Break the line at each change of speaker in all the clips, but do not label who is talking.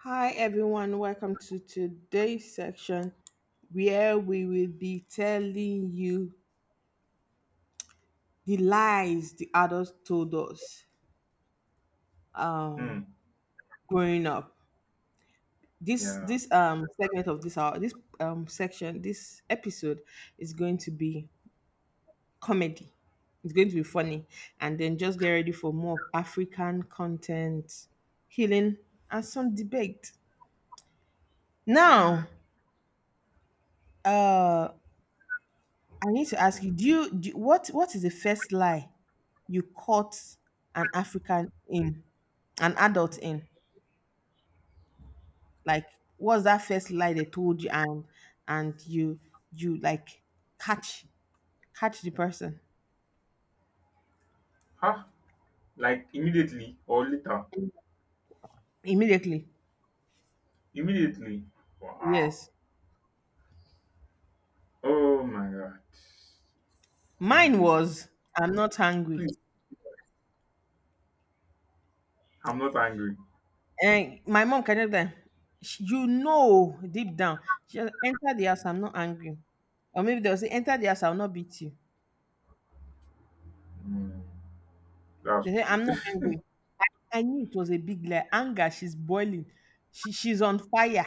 Hi everyone, welcome to today's section where we will be telling you the lies the adults told us
Hmm.
um growing up. This
Yeah.
this um segment of this hour, this section, this episode is going to be comedy. It's going to be funny, and then just get ready for more of African content, healing, and some debate.
Yeah.
Now, uh I need to ask you, what is the first lie you caught an African in, an adult in? Like, what's that first lie they told you, and and you you like catch catch the person
Huh? Like immediately or later?
immediately?
Immediately. Wow.
Yes,
Oh my god.
mine
Immediately.
was I'm not hungry,
Please. I'm not angry.
and my mom can help them. You know deep down, she just, enter the house. I'm not angry, or maybe they'll say enter the house. I'll not beat you.
Hmm. That's
They say
true.
I'm not angry. I knew it was a big lie. Anger, she's boiling. She's on fire.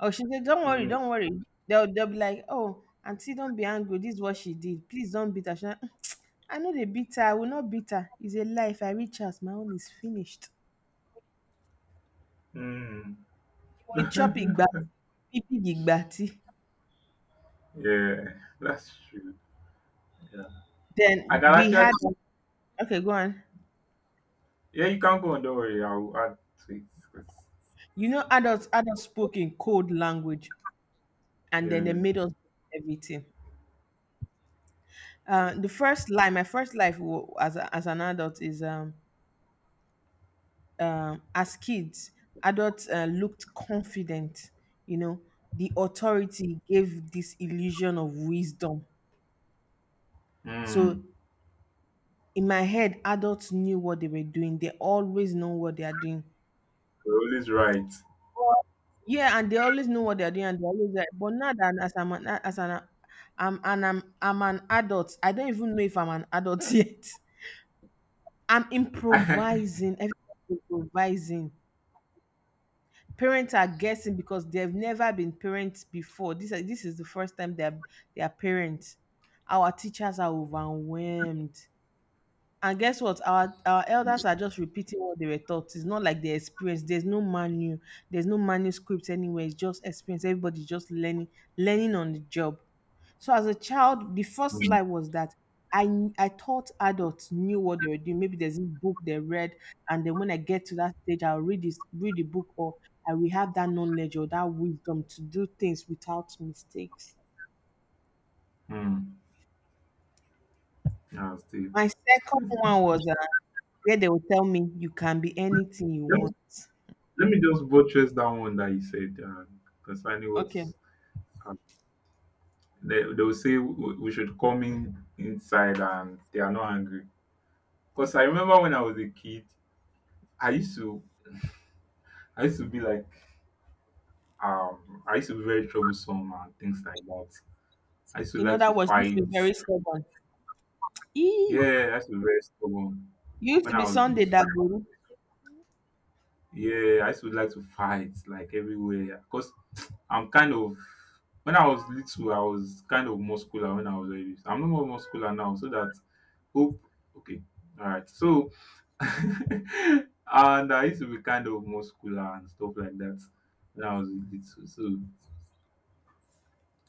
Oh, she said, "Don't worry,
Hmm.
don't worry." They'll be like, "Oh, Auntie, don't be angry. This is what she did. Please don't beat her." She's like, "Mm, I know they beat her. I will not beat her. It's a life. I reach out. My own is finished.
Hmm.
You will chop igba, big igbati."
Yeah. That's true. Yeah. I
Then
can
we
actually.
had— okay, go on.
Yeah, you can go on. Don't worry. I'll add to it. 'Cause-
You know, adults spoke in code language, and then they
Yeah.
made us everything.
Yeah.
The first lie, my first life as an adult is as kids, adults looked confident. You know, the authority gave this illusion of wisdom.
Hmm.
So in my head, adults knew what they were doing. They always know what they are doing.
You're always right.
Yeah, and they always know what they are doing, and they always like. But now that as I'm an, as an I'm an adult, I don't even know if I'm an adult yet. I'm improvising. Everything improvising. Parents are guessing because they've never been parents before. This is the first time they're parents. Our teachers are overwhelmed. And guess what? Our
Hmm.
elders are just repeating what they were taught. It's not like they experience. There's no manual. There's no manuscript anywhere. It's just experience. Everybody's just learning, learning on the job. So as a child, the first
Hmm.
lie was that I thought adults knew what they were doing. Maybe there's this book they read, and then when I get to that stage, I'll read the book, or I will have that knowledge or that wisdom to do things without mistakes.
Hmm. That's deep.
My second one was where they will tell me you can be anything you
Yep.
want.
Let me just buttress that one that you said concerning what
Okay.
um, they will say we should come in inside and they are not angry. Because I remember when I was a kid, I used to I used to be like I used to be very troublesome and things like that. I used to
In
like to
other words, this be
fight.
very stubborn. Ee,
Yeah, I used to be very stubborn
you used
when
to
I
be
was
Sunday
little.
Dagboru.
Yeah, I used to like to fight like everywhere because I'm kind of when I was little, I was kind of muscular when I was very little. I'm no more muscular now, so that hope okay, all right. So and I used to be kind of muscular and stuff like that when I was little. So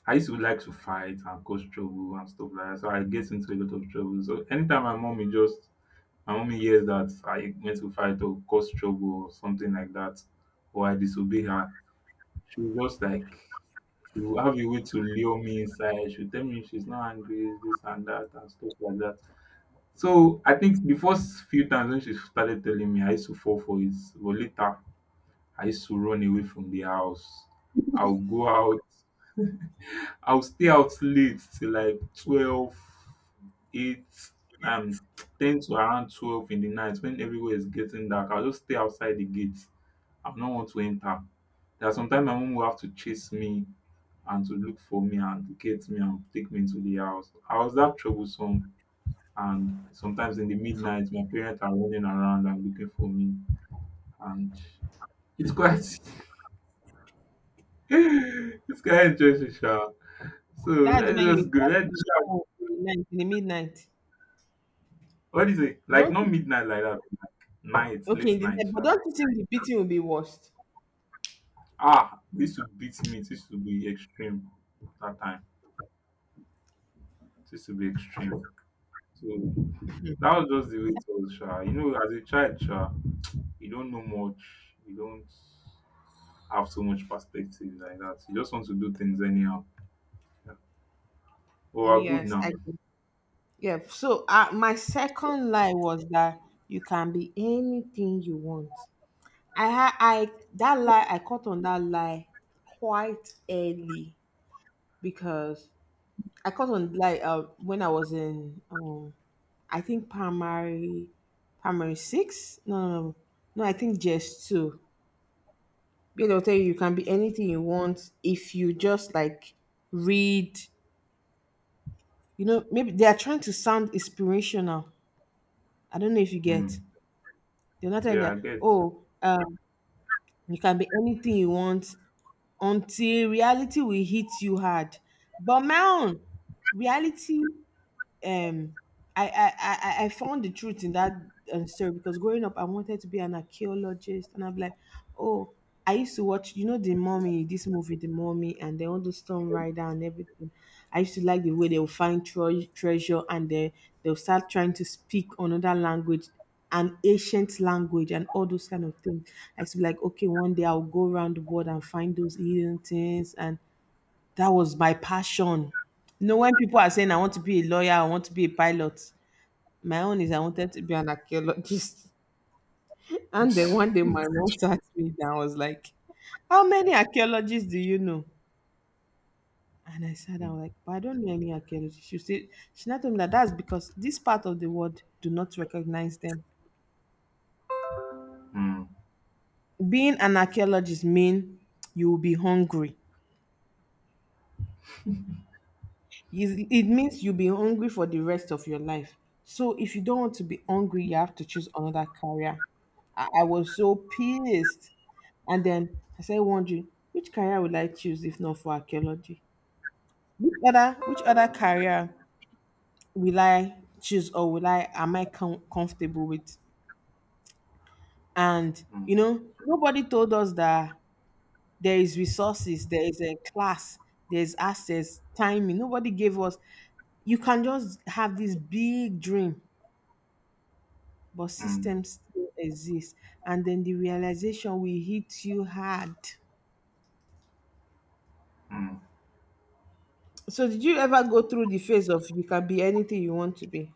I used to like to fight and cause trouble and stuff like that. So I get into a lot of trouble. So anytime my will hears that I went to fight or cause trouble or something like that, or I disobey her. She'll just like, she'll have a way to lure me inside. She'll tell me she's not angry, this and that, and stuff like that. So I think the first few times when she started telling me, I used to fall for it. But later, I used to run away from the house. I'll go out. I'll stay out late till like 12, 8, um, 10 to around 12 in the night when everywhere is getting dark. I'll just stay outside the gate. I will not want to enter. There are sometimes my mom will have to chase me and to look for me and to get me and take me into the house. I was that troublesome. And sometimes in the midnight, my parents are running around and looking for me. And it's quite, it's quite interesting, sha. So let's just go.
That's when
Let's
you come out in the night, in the midnight.
What do you say? Like
Don't
not
you-
midnight like that. Night, late
okay in the
night,
night, but
sha.
don't you think the beating will be worst?
Ah, this to beat me. This to be extreme that time. This to be extreme. So that was just the way it was, sha. You know, as a child, sha, you don't know much. You don't have so much perspective like that. You just want to do things anyhow. Yeah. Oh, we're good
Yes, I
now.
do. Yeah. So my second lie was that you can be anything you want. I caught on that lie quite early because I caught on like when I was in I think primary six. No, no, no. No, I think just two. Because they'll tell you you can be anything you want if you just like read. You know, maybe they are trying to sound inspirational. I don't know if you get.
Hmm.
They're not telling
Yeah, I
that.
get.
Oh, you can be anything you want until reality will hit you hard. But man, reality um I found the truth in that story because growing up I wanted to be an archaeologist, and I'm like, oh, I used to watch you know the Mummy, this movie, the Mummy, and then all the stone rider and everything. I used to like the way they will find treasure, and they'll start trying to speak another language, an ancient language, and all those kind of things. I used to be like, okay, one day I'll go around the world and find those hidden things, and that was my passion. You know, when people are saying I want to be a lawyer, I want to be a pilot, my own is I wanted to be an archaeologist. And then one day my mom sat me down, was like, "How many archaeologists do you know?" And I sat down like, but I don't know any archaeologists. She said she not told me that that's because this part of the world do not recognize them.
Hmm.
Being an archaeologist mean you will be hungry. It means you'll be hungry for the rest of your life. So if you don't want to be hungry, you have to choose another career. I was so pissed. And then I started wondering, which career will I choose if not for archaeology? Which other career will I choose, or will I am I comfortable with? And you
Hmm.
know, nobody told us that there is resources, there is a class, there's access, timing. Nobody gave us you can just have this big dream, but
Hmm.
systems still exist, and then the realization will hit you hard.
Hmm.
So did you ever go through the phase of you can be anything you want to be?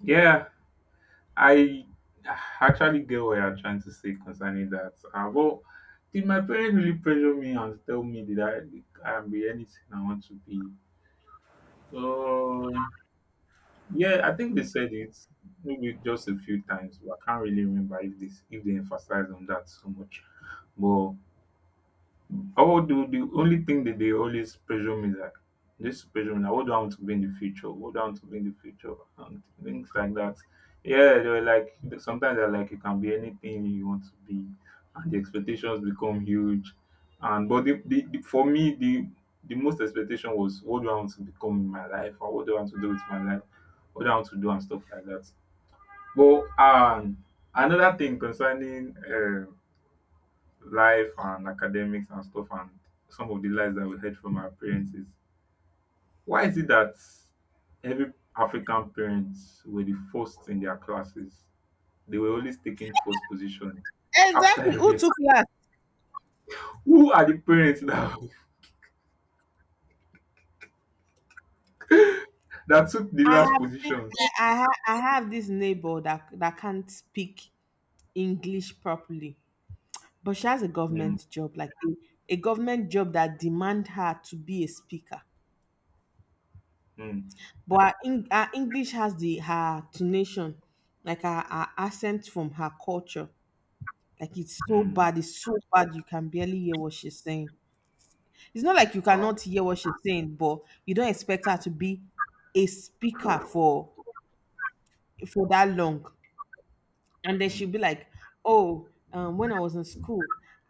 Yeah. I actually get what you're trying to say concerning that. Did my parents really pressure me and tell me that I can be anything I want to be? Um, yeah, I think they said it maybe just a few times, but I can't really remember if this if they emphasized on that so much. But although the only thing that they always pressure me is like they used to pressure me like what do I want to be in the future? What do I want to be in the future? And things like that. Yeah, they were like sometimes they're like you can be anything you want to be and the expectations become huge. And but for me the most expectation was what do I want to become in my life or what do I want to do with my life, what do I want to do and stuff like that. But another thing concerning life and academics and stuff and some of the lies that we heard from our parents is why is it that every African parents were the first in their classes? They were always taking first position after
Exactly, who
every ex-
took class?
Who are the parents that, that took the
I
last
have seen.
positions?
I have this neighbor that can't speak English properly, but she has a
Mm,
government job, like a government job that demand her to be a speaker,
mm,
but her English has the her tonation, like her accent from her culture. Like
mm.
it's so bad you can barely hear what she's saying. It's not like you
Wow.
cannot hear what she's saying, but you don't expect her to be a speaker for that long, and then
Mm.
she'll be like, "Oh, when I was in school,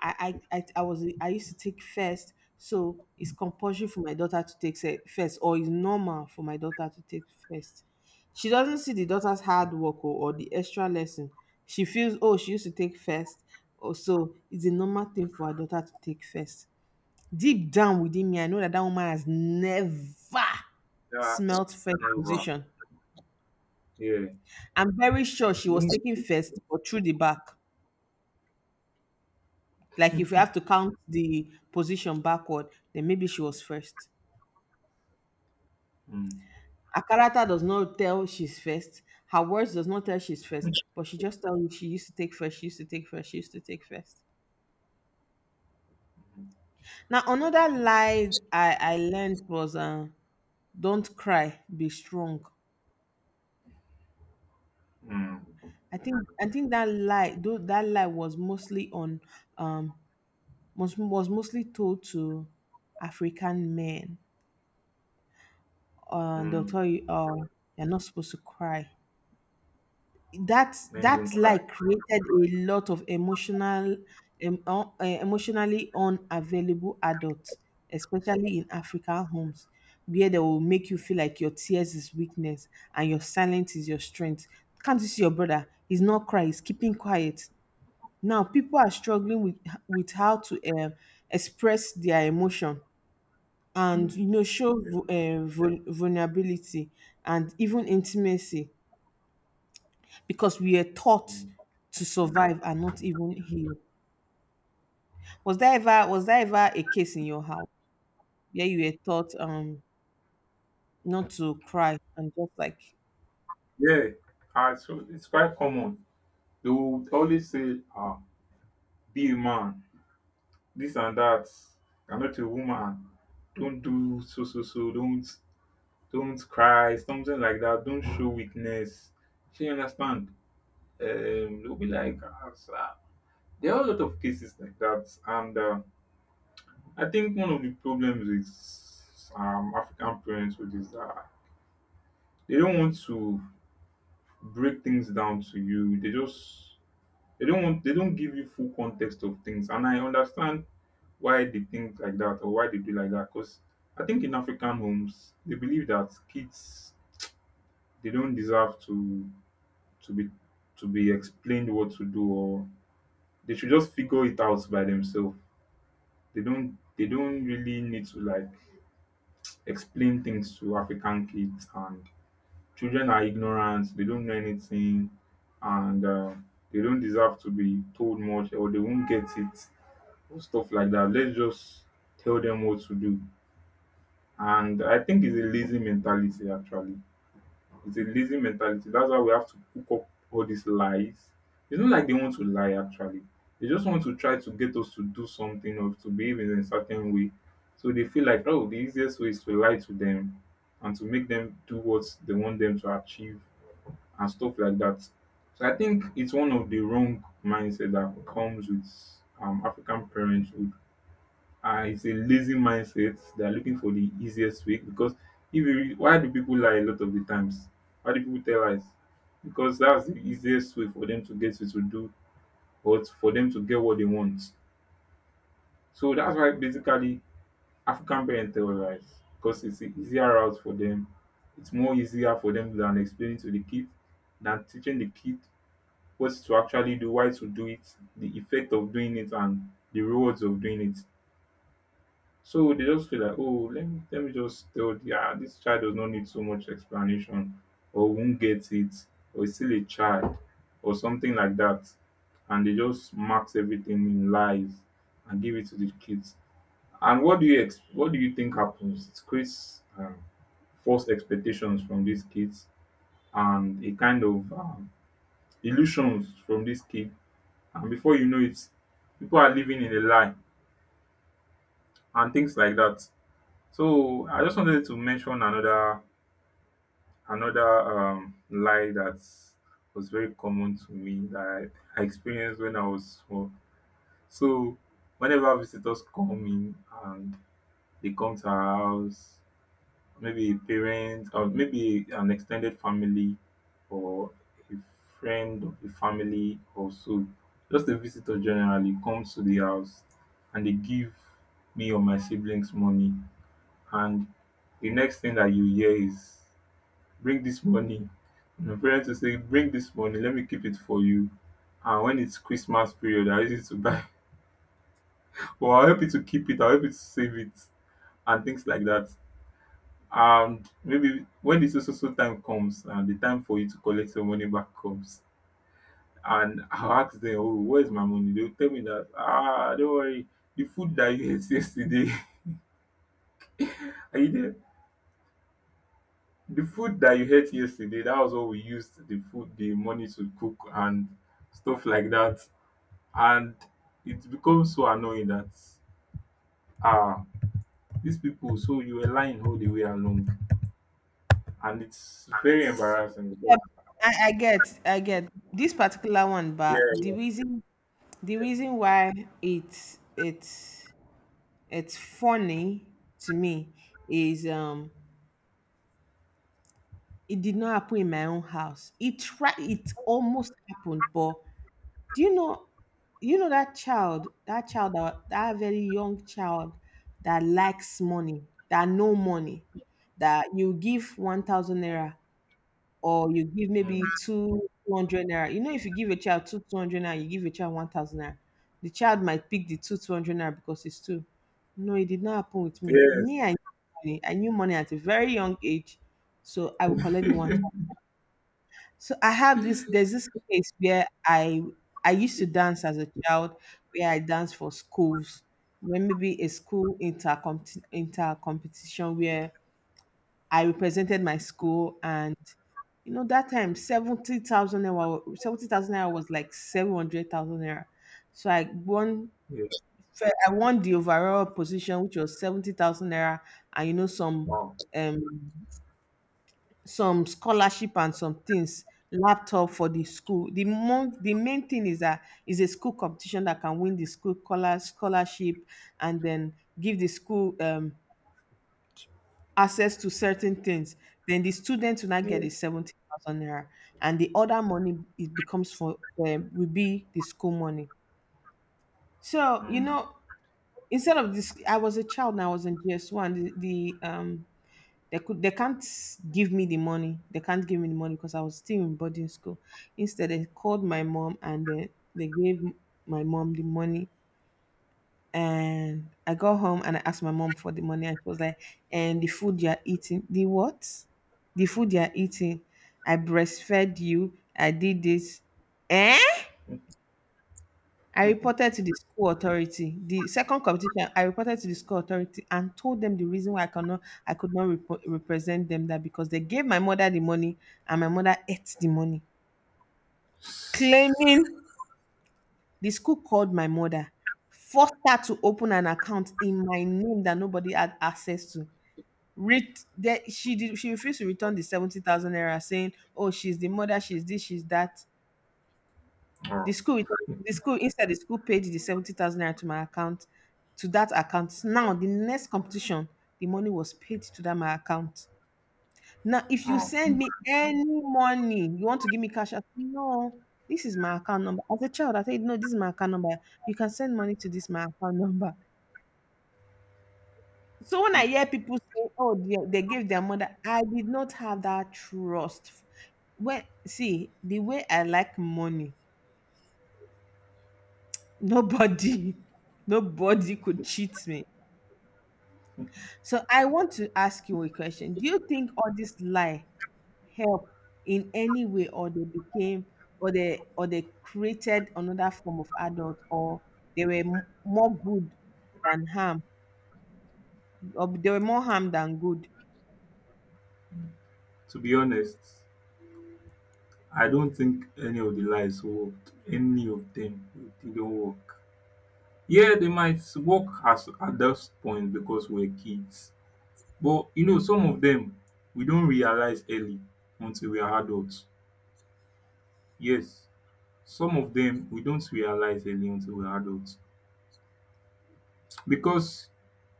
I used to take first, so it's compulsory for my daughter to take first, or it's normal for my daughter to take first." She doesn't see the daughter's hard work, or the extra lesson. She feels, oh, she used to take first, or so it's a normal thing for her daughter to take first. Deep down within me, I know that that woman has never
Yeah,
smelt first
never.
position.
Yeah.
I'm very sure she was taking
Mm,
first, but through the back. Like if you have to count the position backward, then maybe she was first.
mm,
Her character does not tell she's first. Her words does not tell she's first, but she just tells you she used to take first. She used to take first. She used to take first. Now another lie I learned was don't cry, be strong.
mm,
I think that lie, though that lie was mostly on um was mostly told to African men. They'll
mm.
tell you, oh, you're not supposed to cry. that
Men
that
don't cry.
like created a lot of emotional emotionally unavailable adults, especially in African homes, where they will make you feel like your tears is weakness and your silence is your strength. Can't you see your brother? He's not crying, he's keeping quiet. Now people are struggling with how to express their emotion, and
Emotions.
show
Yeah.
uh, vulnerability and even intimacy, because we are taught
Mm.
to survive and not even heal. Was there ever a case in your house where you were taught not to cry and just like
Yeah, so it's quite common. They would always say, ah, be a man, this and that. You're not a woman. Don't do so so so. Don't cry, something like that. Don't show weakness. She understand. They'll be like, ah, sir. There are a lot of cases like that, and I think one of the problems with African parents, which is that they don't want to break things down to you. They don't give you full context of things. And I understand why they think like that or why they do like that. Because I think in African homes they believe that kids they don't deserve to to be to be explained what to do or they should just figure it out by themselves. They don't really need to like explain things to African kids and children are ignorant, they don't know anything and they don't deserve to be told much or they won't get it stuff like that. Let's just tell them what to do. And I think it's a lazy mentality, actually. It's a lazy mentality. That's why we have to cook up all these lies. It's not like they want to lie, actually. They just want to try to get us to do something or to behave in a certain way. So they feel like, oh, the easiest way is to lie to them and to make them do what they want them to achieve and stuff like that. So I think it's one of the wrong mindset that comes with African parenthood it's a lazy mindset. They are looking for the easiest way because if you re- why do people lie a lot of the times? Why do people tell lies? Because that's the easiest way for them to get you to do or to- for them to get what they want. So that's why basically African parents tell lies because it's an easier route for them. It's more easier for them than explaining to the kid than teaching the kid what to actually do, why to do it, the effect of doing it, and the rewards of doing it. So they just feel like, oh, let me just tell the ah, this child does not need so much explanation or won't get it or is still a child or something like that. And they just max everything in lies and give it to the kids. And what do you ex- what do you think happens? It creates false expectations from these kids and a kind of illusions from these kids. And before you know it, people are living in a lie and things like that. So I just wanted to mention another lie that was very common to me that I experienced when I was small. So whenever visitors come in and they come to our house, maybe a parent or maybe an extended family or a friend of the family or so just a visitor generally comes to the house and they give me or my siblings money and the next thing that you hear is bring this money and the parents will say bring this money let me keep it for you and when it's Christmas period I use it to buy well, I'll help you to keep it, I'll help you to save it and things like that and maybe when the so so so time comes and the time for you to collect your money back comes and I'll ask them oh where's my money they'll tell me that ah don't worry the food that you ate yesterday are you there. The food that you ate yesterday, that was what we used the money to cook and stuff like that. And it becomes so annoying that ah, these people, so you were lying all the way along. And it's very embarrassing
yeah,
because
I get this particular one, but
yeah,
the reason why it's it's it's funny to me is it did not happen in my own house. It tried, it almost happened, but— Do you know? You know that child, that child, that very young child that likes money, that no money, that you give 1,000 naira or you give
yeah.
maybe 200 naira. You know, if you give a child two 200 naira, you give a child 1,000 naira, the child might pick the two 200 naira because it's two. No, it did not happen with
Mm.
me.
Yes.
Me, I knew money. I knew money at a very young age, so I will collect the one, so I have this. There's this place where I used to dance as a child, where I danced for schools. When maybe a school inter competition where I represented my school, and you know that time 70,000 naira 70,000 naira was like 700,000 naira. So I won.
yes.
I won the overall position, which was 70,000 naira, and
Wow.
um some scholarship and some things laptop for the school the the main thing is that is a school competition that can win the school color scholarship and then give the school access to certain things then the student will not get
Yeah.
the 70,000 naira and the other money it becomes for will be the school money so
Mm.
instead of this I was a child and I was in gs1 the They can't give me the money. They can't give me the money because I was still in boarding school. Instead, they called my mom and then they gave my mom the money. And I got home and I asked my mom for the money. And she was like, and the food you're eating, the what? The food you're eating. I breastfed you. I did this. Eh? I reported to the school authority. The second competition, I reported to the school authority and told them the reason why I cannot, I could not represent them. That because they gave my mother the money and my mother ate the money, claiming the school called my mother, forced her to open an account in my name that nobody had access to. That she refused to return the 70,000 naira, saying, "Oh, she's the mother, she's this, she's that." The
Oh,
school returned, the school instead the school paid the 70,000 naira to my account, to that account. Now the next competition, the money was paid to that my account. Now if you
oh.
send me any money, you want to give me cash out? No, this is my account number. As a child, I said no, this is my account number. You can send money to this my account number. So when I hear people say, "Oh, they gave their mother," I did not have that trust. Well, see, the way I like money, nobody, nobody could cheat me. So I want to ask you a question. Do you think all this lie help in any way, or they became, or they created another form of adult, or they were more good than harm, or they were more harm than good?
To be honest, I don't think any of the lies worked. Any of them, they don't work. Yeah, they might work as at that point because we're kids. But you know, some of them we don't realize early until we are adults. Yes, some of them we don't realize early until we're adults. Because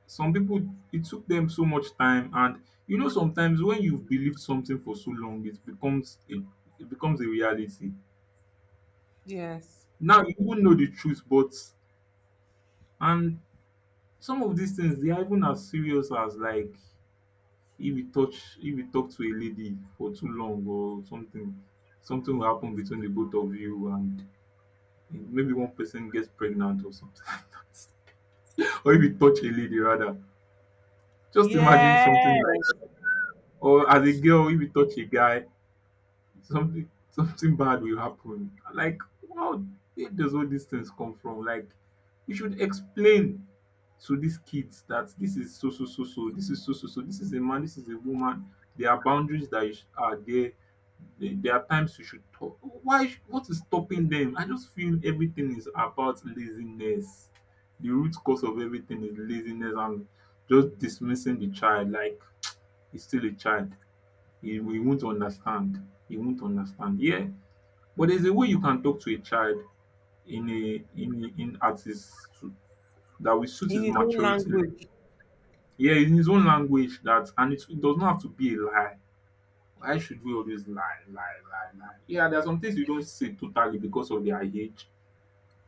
some people it took them so much time and you know sometimes when you've believed something for so long it becomes a reality.
Yes.
Now you won't know the truth, but and some of these things they are even as serious as like if you talk to a lady for too long or something something will happen between the both of you and maybe one person gets pregnant or something or if you touch a lady rather just imagine
Yeah,
something like that or as a girl if you touch a guy something something bad will happen like wow, where does all these things come from like you should explain to these kids that this is so so so so this is so so so this is a man, this is a woman. There are boundaries that are there there are times you should talk. Why what is stopping them? I just feel everything is about laziness. The root cause of everything is laziness and just dismissing the child like he's still a child, he won't understand, he won't understand, yeah, but there's a way you can talk to a child in at his that will suit
in
his
his own
maturity.
language.
Yeah, in his own language that and it does not have to be a lie. Why should we always lie, lie, lie, lie? Yeah, there are some things you don't say totally because of their age,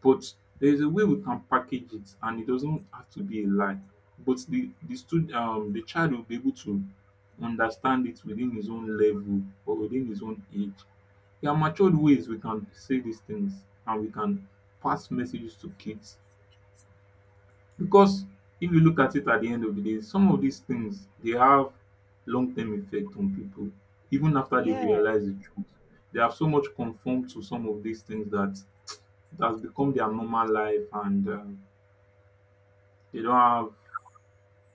but there's a way we can package it and it doesn't have to be a lie. But the stud the child will be able to understand it within his own level or within his own age. There are matured ways we can say these things and we can pass messages to kids because if you look at it at the end of the day, some of these things they have long term effect on people, even after they
Yes,
realize the truth. They have so much conformed to some of these things that it has become their normal life, and they don't have.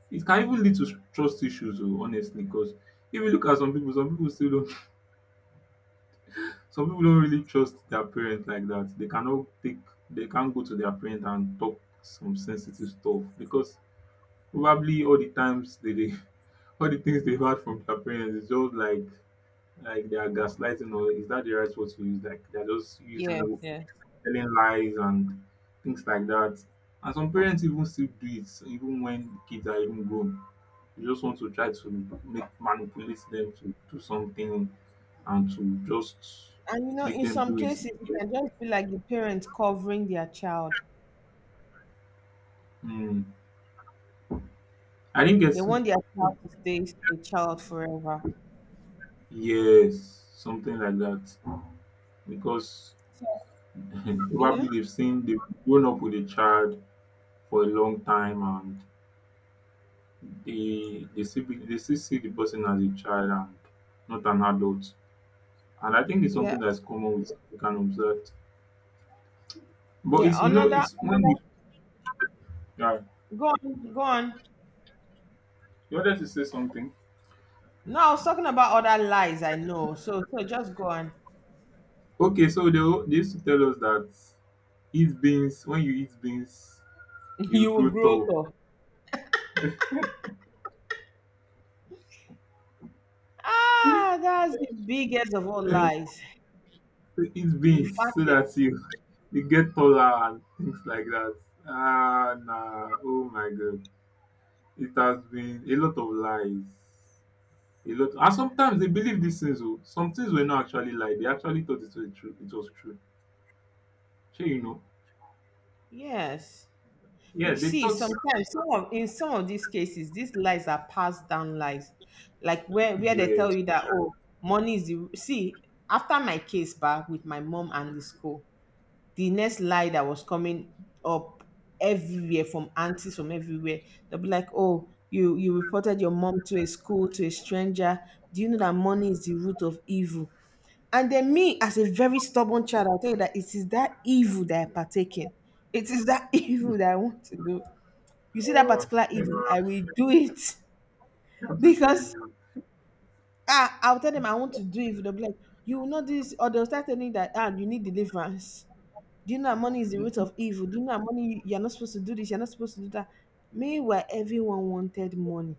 It can even lead to trust issues, oh, honestly. Because if you look at some people still don't. Some people don't really trust their parents like that. They cannot take. They can't go to their parents and talk some sensitive stuff because probably all the times they dey all the things they've had from their parents is just like they are gaslighting, or is that the right word to use? Like they're just
yes.
using
Yes.
telling lies and things like that. And some parents even still do it even when kids are even grown. They just want to try to make manipulate them to do something and to just
And you know,
make
in
them
some
do it.
cases, it can just be like the parents covering their child.
Hmm. I didn't get
They
you.
want their child to stay a child forever.
Yes, something like that. Because
So yeah,
probably they've grown up with a child for a long time and they still see the person as a child and not an adult. And I think it's
yeah,
something that's common with we can observe. But
yeah.
it's you know
Another,
it's when
another.
we yeah,
Go on, go on.
you wanted to say something.
No, I was talking about other lies. I know. So, so just go on.
Okay, so they used to tell us that eat beans, when you eat beans you
You
grow
will grow
tall.
up. Ah, that's the biggest of all
Eh,
lies.
eat
The
beans
fact
so
that
that you get taller and things like that. Ah nah, oh my god. It has been a lot of lies. A lot, and sometimes they believe these things oh. Some things were not actually lie. They actually thought it was true, it was true. Shey you know?
yes,
Yeah,
you
they
see,
thought
sometimes some of in some of these cases, these lies are passed down lies, like where they tell
yes.
you that, oh, money is the see. After my case back with my mom and the school, the next lie that was coming up everywhere from aunties from everywhere. They'll be like, "Oh, you reported your mom to a school to a stranger. Do you know that money is the root of evil?" And then me, as a very stubborn child, I'll tell you that it is that evil that I partake in. It is that evil that I want to do. You see that
um
particular evil, I will do it
how to
because
do
ah, I'll tell them I want to do evil. They'll be like, "You will not do this," or they'll start telling me that ah, you need deliverance. Do you know that money is the
you
root of evil? Do you know that money, you're not supposed to do this, you're not supposed to do that? Meanwhile, everyone wanted money.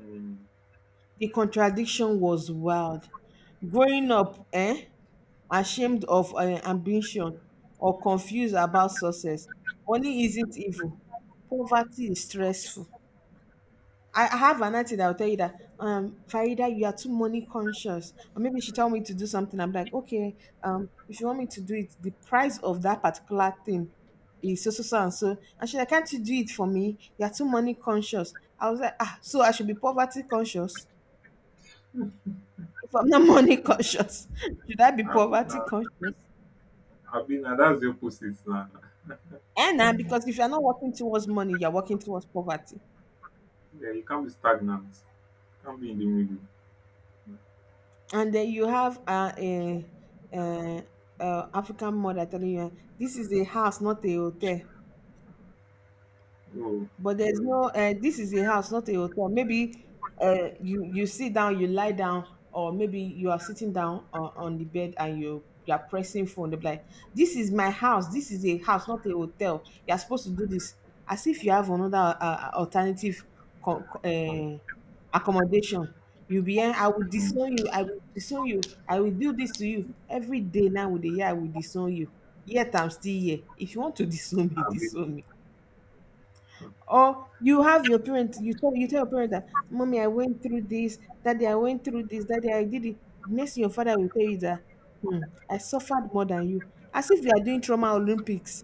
um
The contradiction was wild. Growing up, eh, ashamed of ambition or confused about success, money isn't evil. Poverty is stressful. I have an auntie that will tell you that, Farida, you are too money conscious. Or maybe she tell me to do something. I'm like, okay, if you want me to do it, the price of that particular thing is so so so and so. And she's like, can't you do it for me? You are too money conscious. I was like, ah, so I should be poverty conscious. If I'm not money conscious, should I be
I've
poverty conscious?
been. Na, that's the opposite now.
And now, because if you're not working towards money, you're working towards poverty.
Yeah, you can't be stagnant. You can't be in the middle.
And then you have a, uh African mother telling you, "This is a house, not a hotel."
Oh.
But there's no this is a house not a hotel, maybe you sit down, you lie down, or maybe you are sitting down on the bed and you are pressing phone, they are like, this is my house, this is a house not a hotel, you're supposed to do this, as if you have another alternative co- uh, accommodation. You'll be here. I will
Mm.
disown you. I will disown you. I will do this to you every day. Now with the year, I will disown you. Yet I'm still here. If you want to disown me,
I've been.
disown me. Or you have your parents, you tell your parents that mommy, I went through this, daddy, I went through this, daddy, I did it. Next thing your father will tell you that, "Hmm, I suffered more than you." As if you are doing trauma Olympics.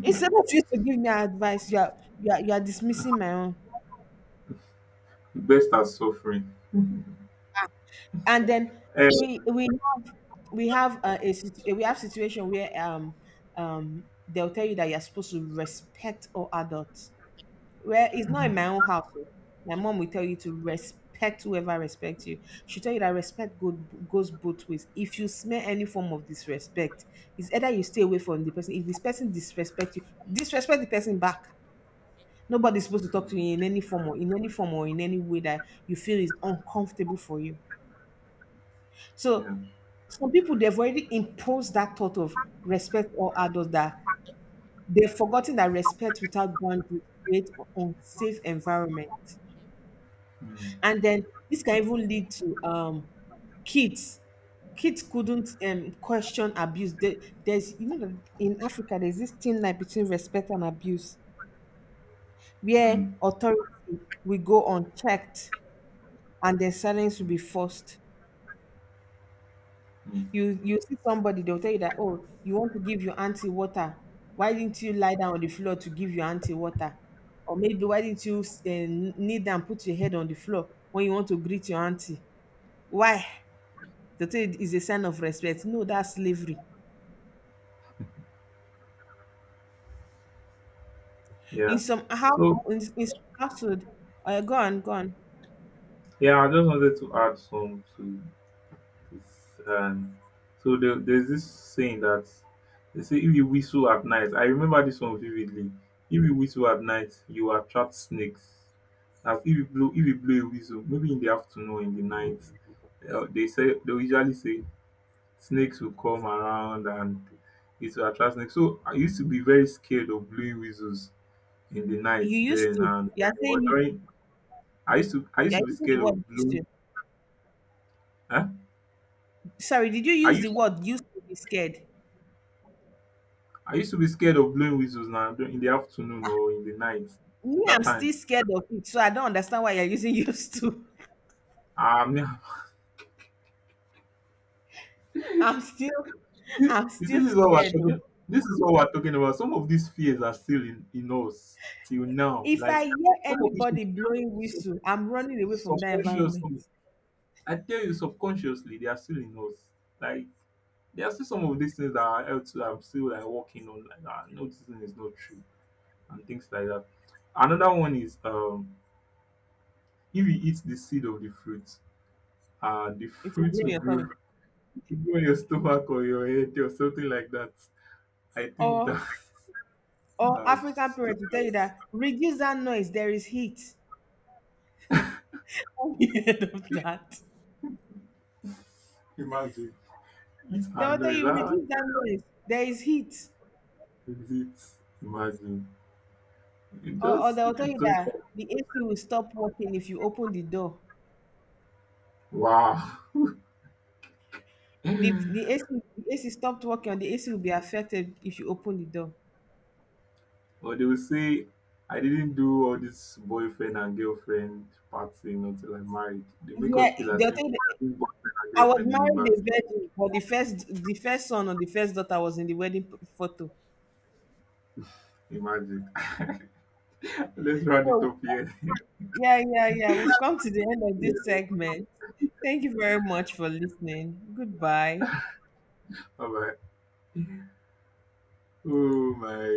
Instead of you to give me advice, you are, you are dismissing my own.
Best at suffering.
And then
Um
we have we have we have situation where they'll tell you that you're supposed to respect all adults. Well, it's not in my own house. Oh. My mom will tell you to respect whoever respects you. She'll tell you that respect goes both ways. If you smell any form of disrespect, it's either you stay away from the person. If this person disrespect you, disrespect the person back. Nobody's supposed to talk to you in any form or in any form or in any way that you feel is uncomfortable for you. So
Yeah.
some people they've already imposed that thought of respect all adults, that they've forgotten that respect without boundaries creates unsafe environment.
um
And then this can even lead to kids kids couldn't question abuse. There's you know that in Africa there's this thin line between respect and abuse, where
um
authority will go unchecked and then silence will be forced.
um
You see somebody, they'll tell you that oh, you want to give your auntie water, why didn't you lie down on the floor to give your auntie water, or maybe why didn't you kneel down, put your head on the floor when you want to greet your auntie. Why? They say it is a sign of respect. No, that's slavery. In
yeah.
some house,
So
in some household, go on, go on.
yeah, I just wanted to add some to this. So there's this saying that they say if you whistle at night, I remember this one vividly. If you whistle at night, you attract snakes. As if if you blow a whistle, maybe in the afternoon, in the night, they say they will usually say snakes will come around and it will attract snakes. So I used to be very scared of blowing whistles in the night
You used
then
to.
and
You are saying
or
you.
during. I
You
used
are
to be
using the
scared of
word used
blowing.
to.
Huh?
Sorry, did you
I
use the
used
word used to be scared?
I used to be scared of blowing whistles now in the afternoon or in the night.
Me,
That
I'm still
time.
scared of it, so I don't understand why you're using used to.
Um,
I'm still, I'm
you see,
still
this is what we're
scared. Though.
talking. This is what we're talking about. Some of these fears are still in us till now.
If
Like
I hear
some of these
anybody blowing
sub-
whistle, I'm running away from that environment.
subconsciously, I tell you, subconsciously, they are still in us. Like there are still some of these things that are out that I'm still like working on. Like ah, no, this thing is not true, and things like that. Another one is if you eat the seed of the
It will blow
fruit will
your tummy.
grow even your stomach or your head or something like that. I think
Or,
that
or African
that's to
parents will tell you that reduce that noise. There is heat. Heard of that?
imagine. It's
They'll tell
handle is
you
that,
reduce that noise. There is heat.
is it, imagine.
Or they'll tell
It's
you
just
that
like,
the AC will stop working if you open the door.
wow.
AC, the AC stopped working, or the AC will be affected if you open the door.
Or they will say I didn't do all this boyfriend and girlfriend party until I married. They make
Yeah,
us feel as
they'll
if
tell you that-
being boyfriend and
I was
girlfriend is a
married
bad
a
thing.
virgin, but the first son or the first daughter was in the wedding photo.
Imagine. Let's round it
So
up here.
yeah, yeah, yeah. We've come to the end of this
Yeah.
segment. Thank you very much for listening. Goodbye.
All right. Oh my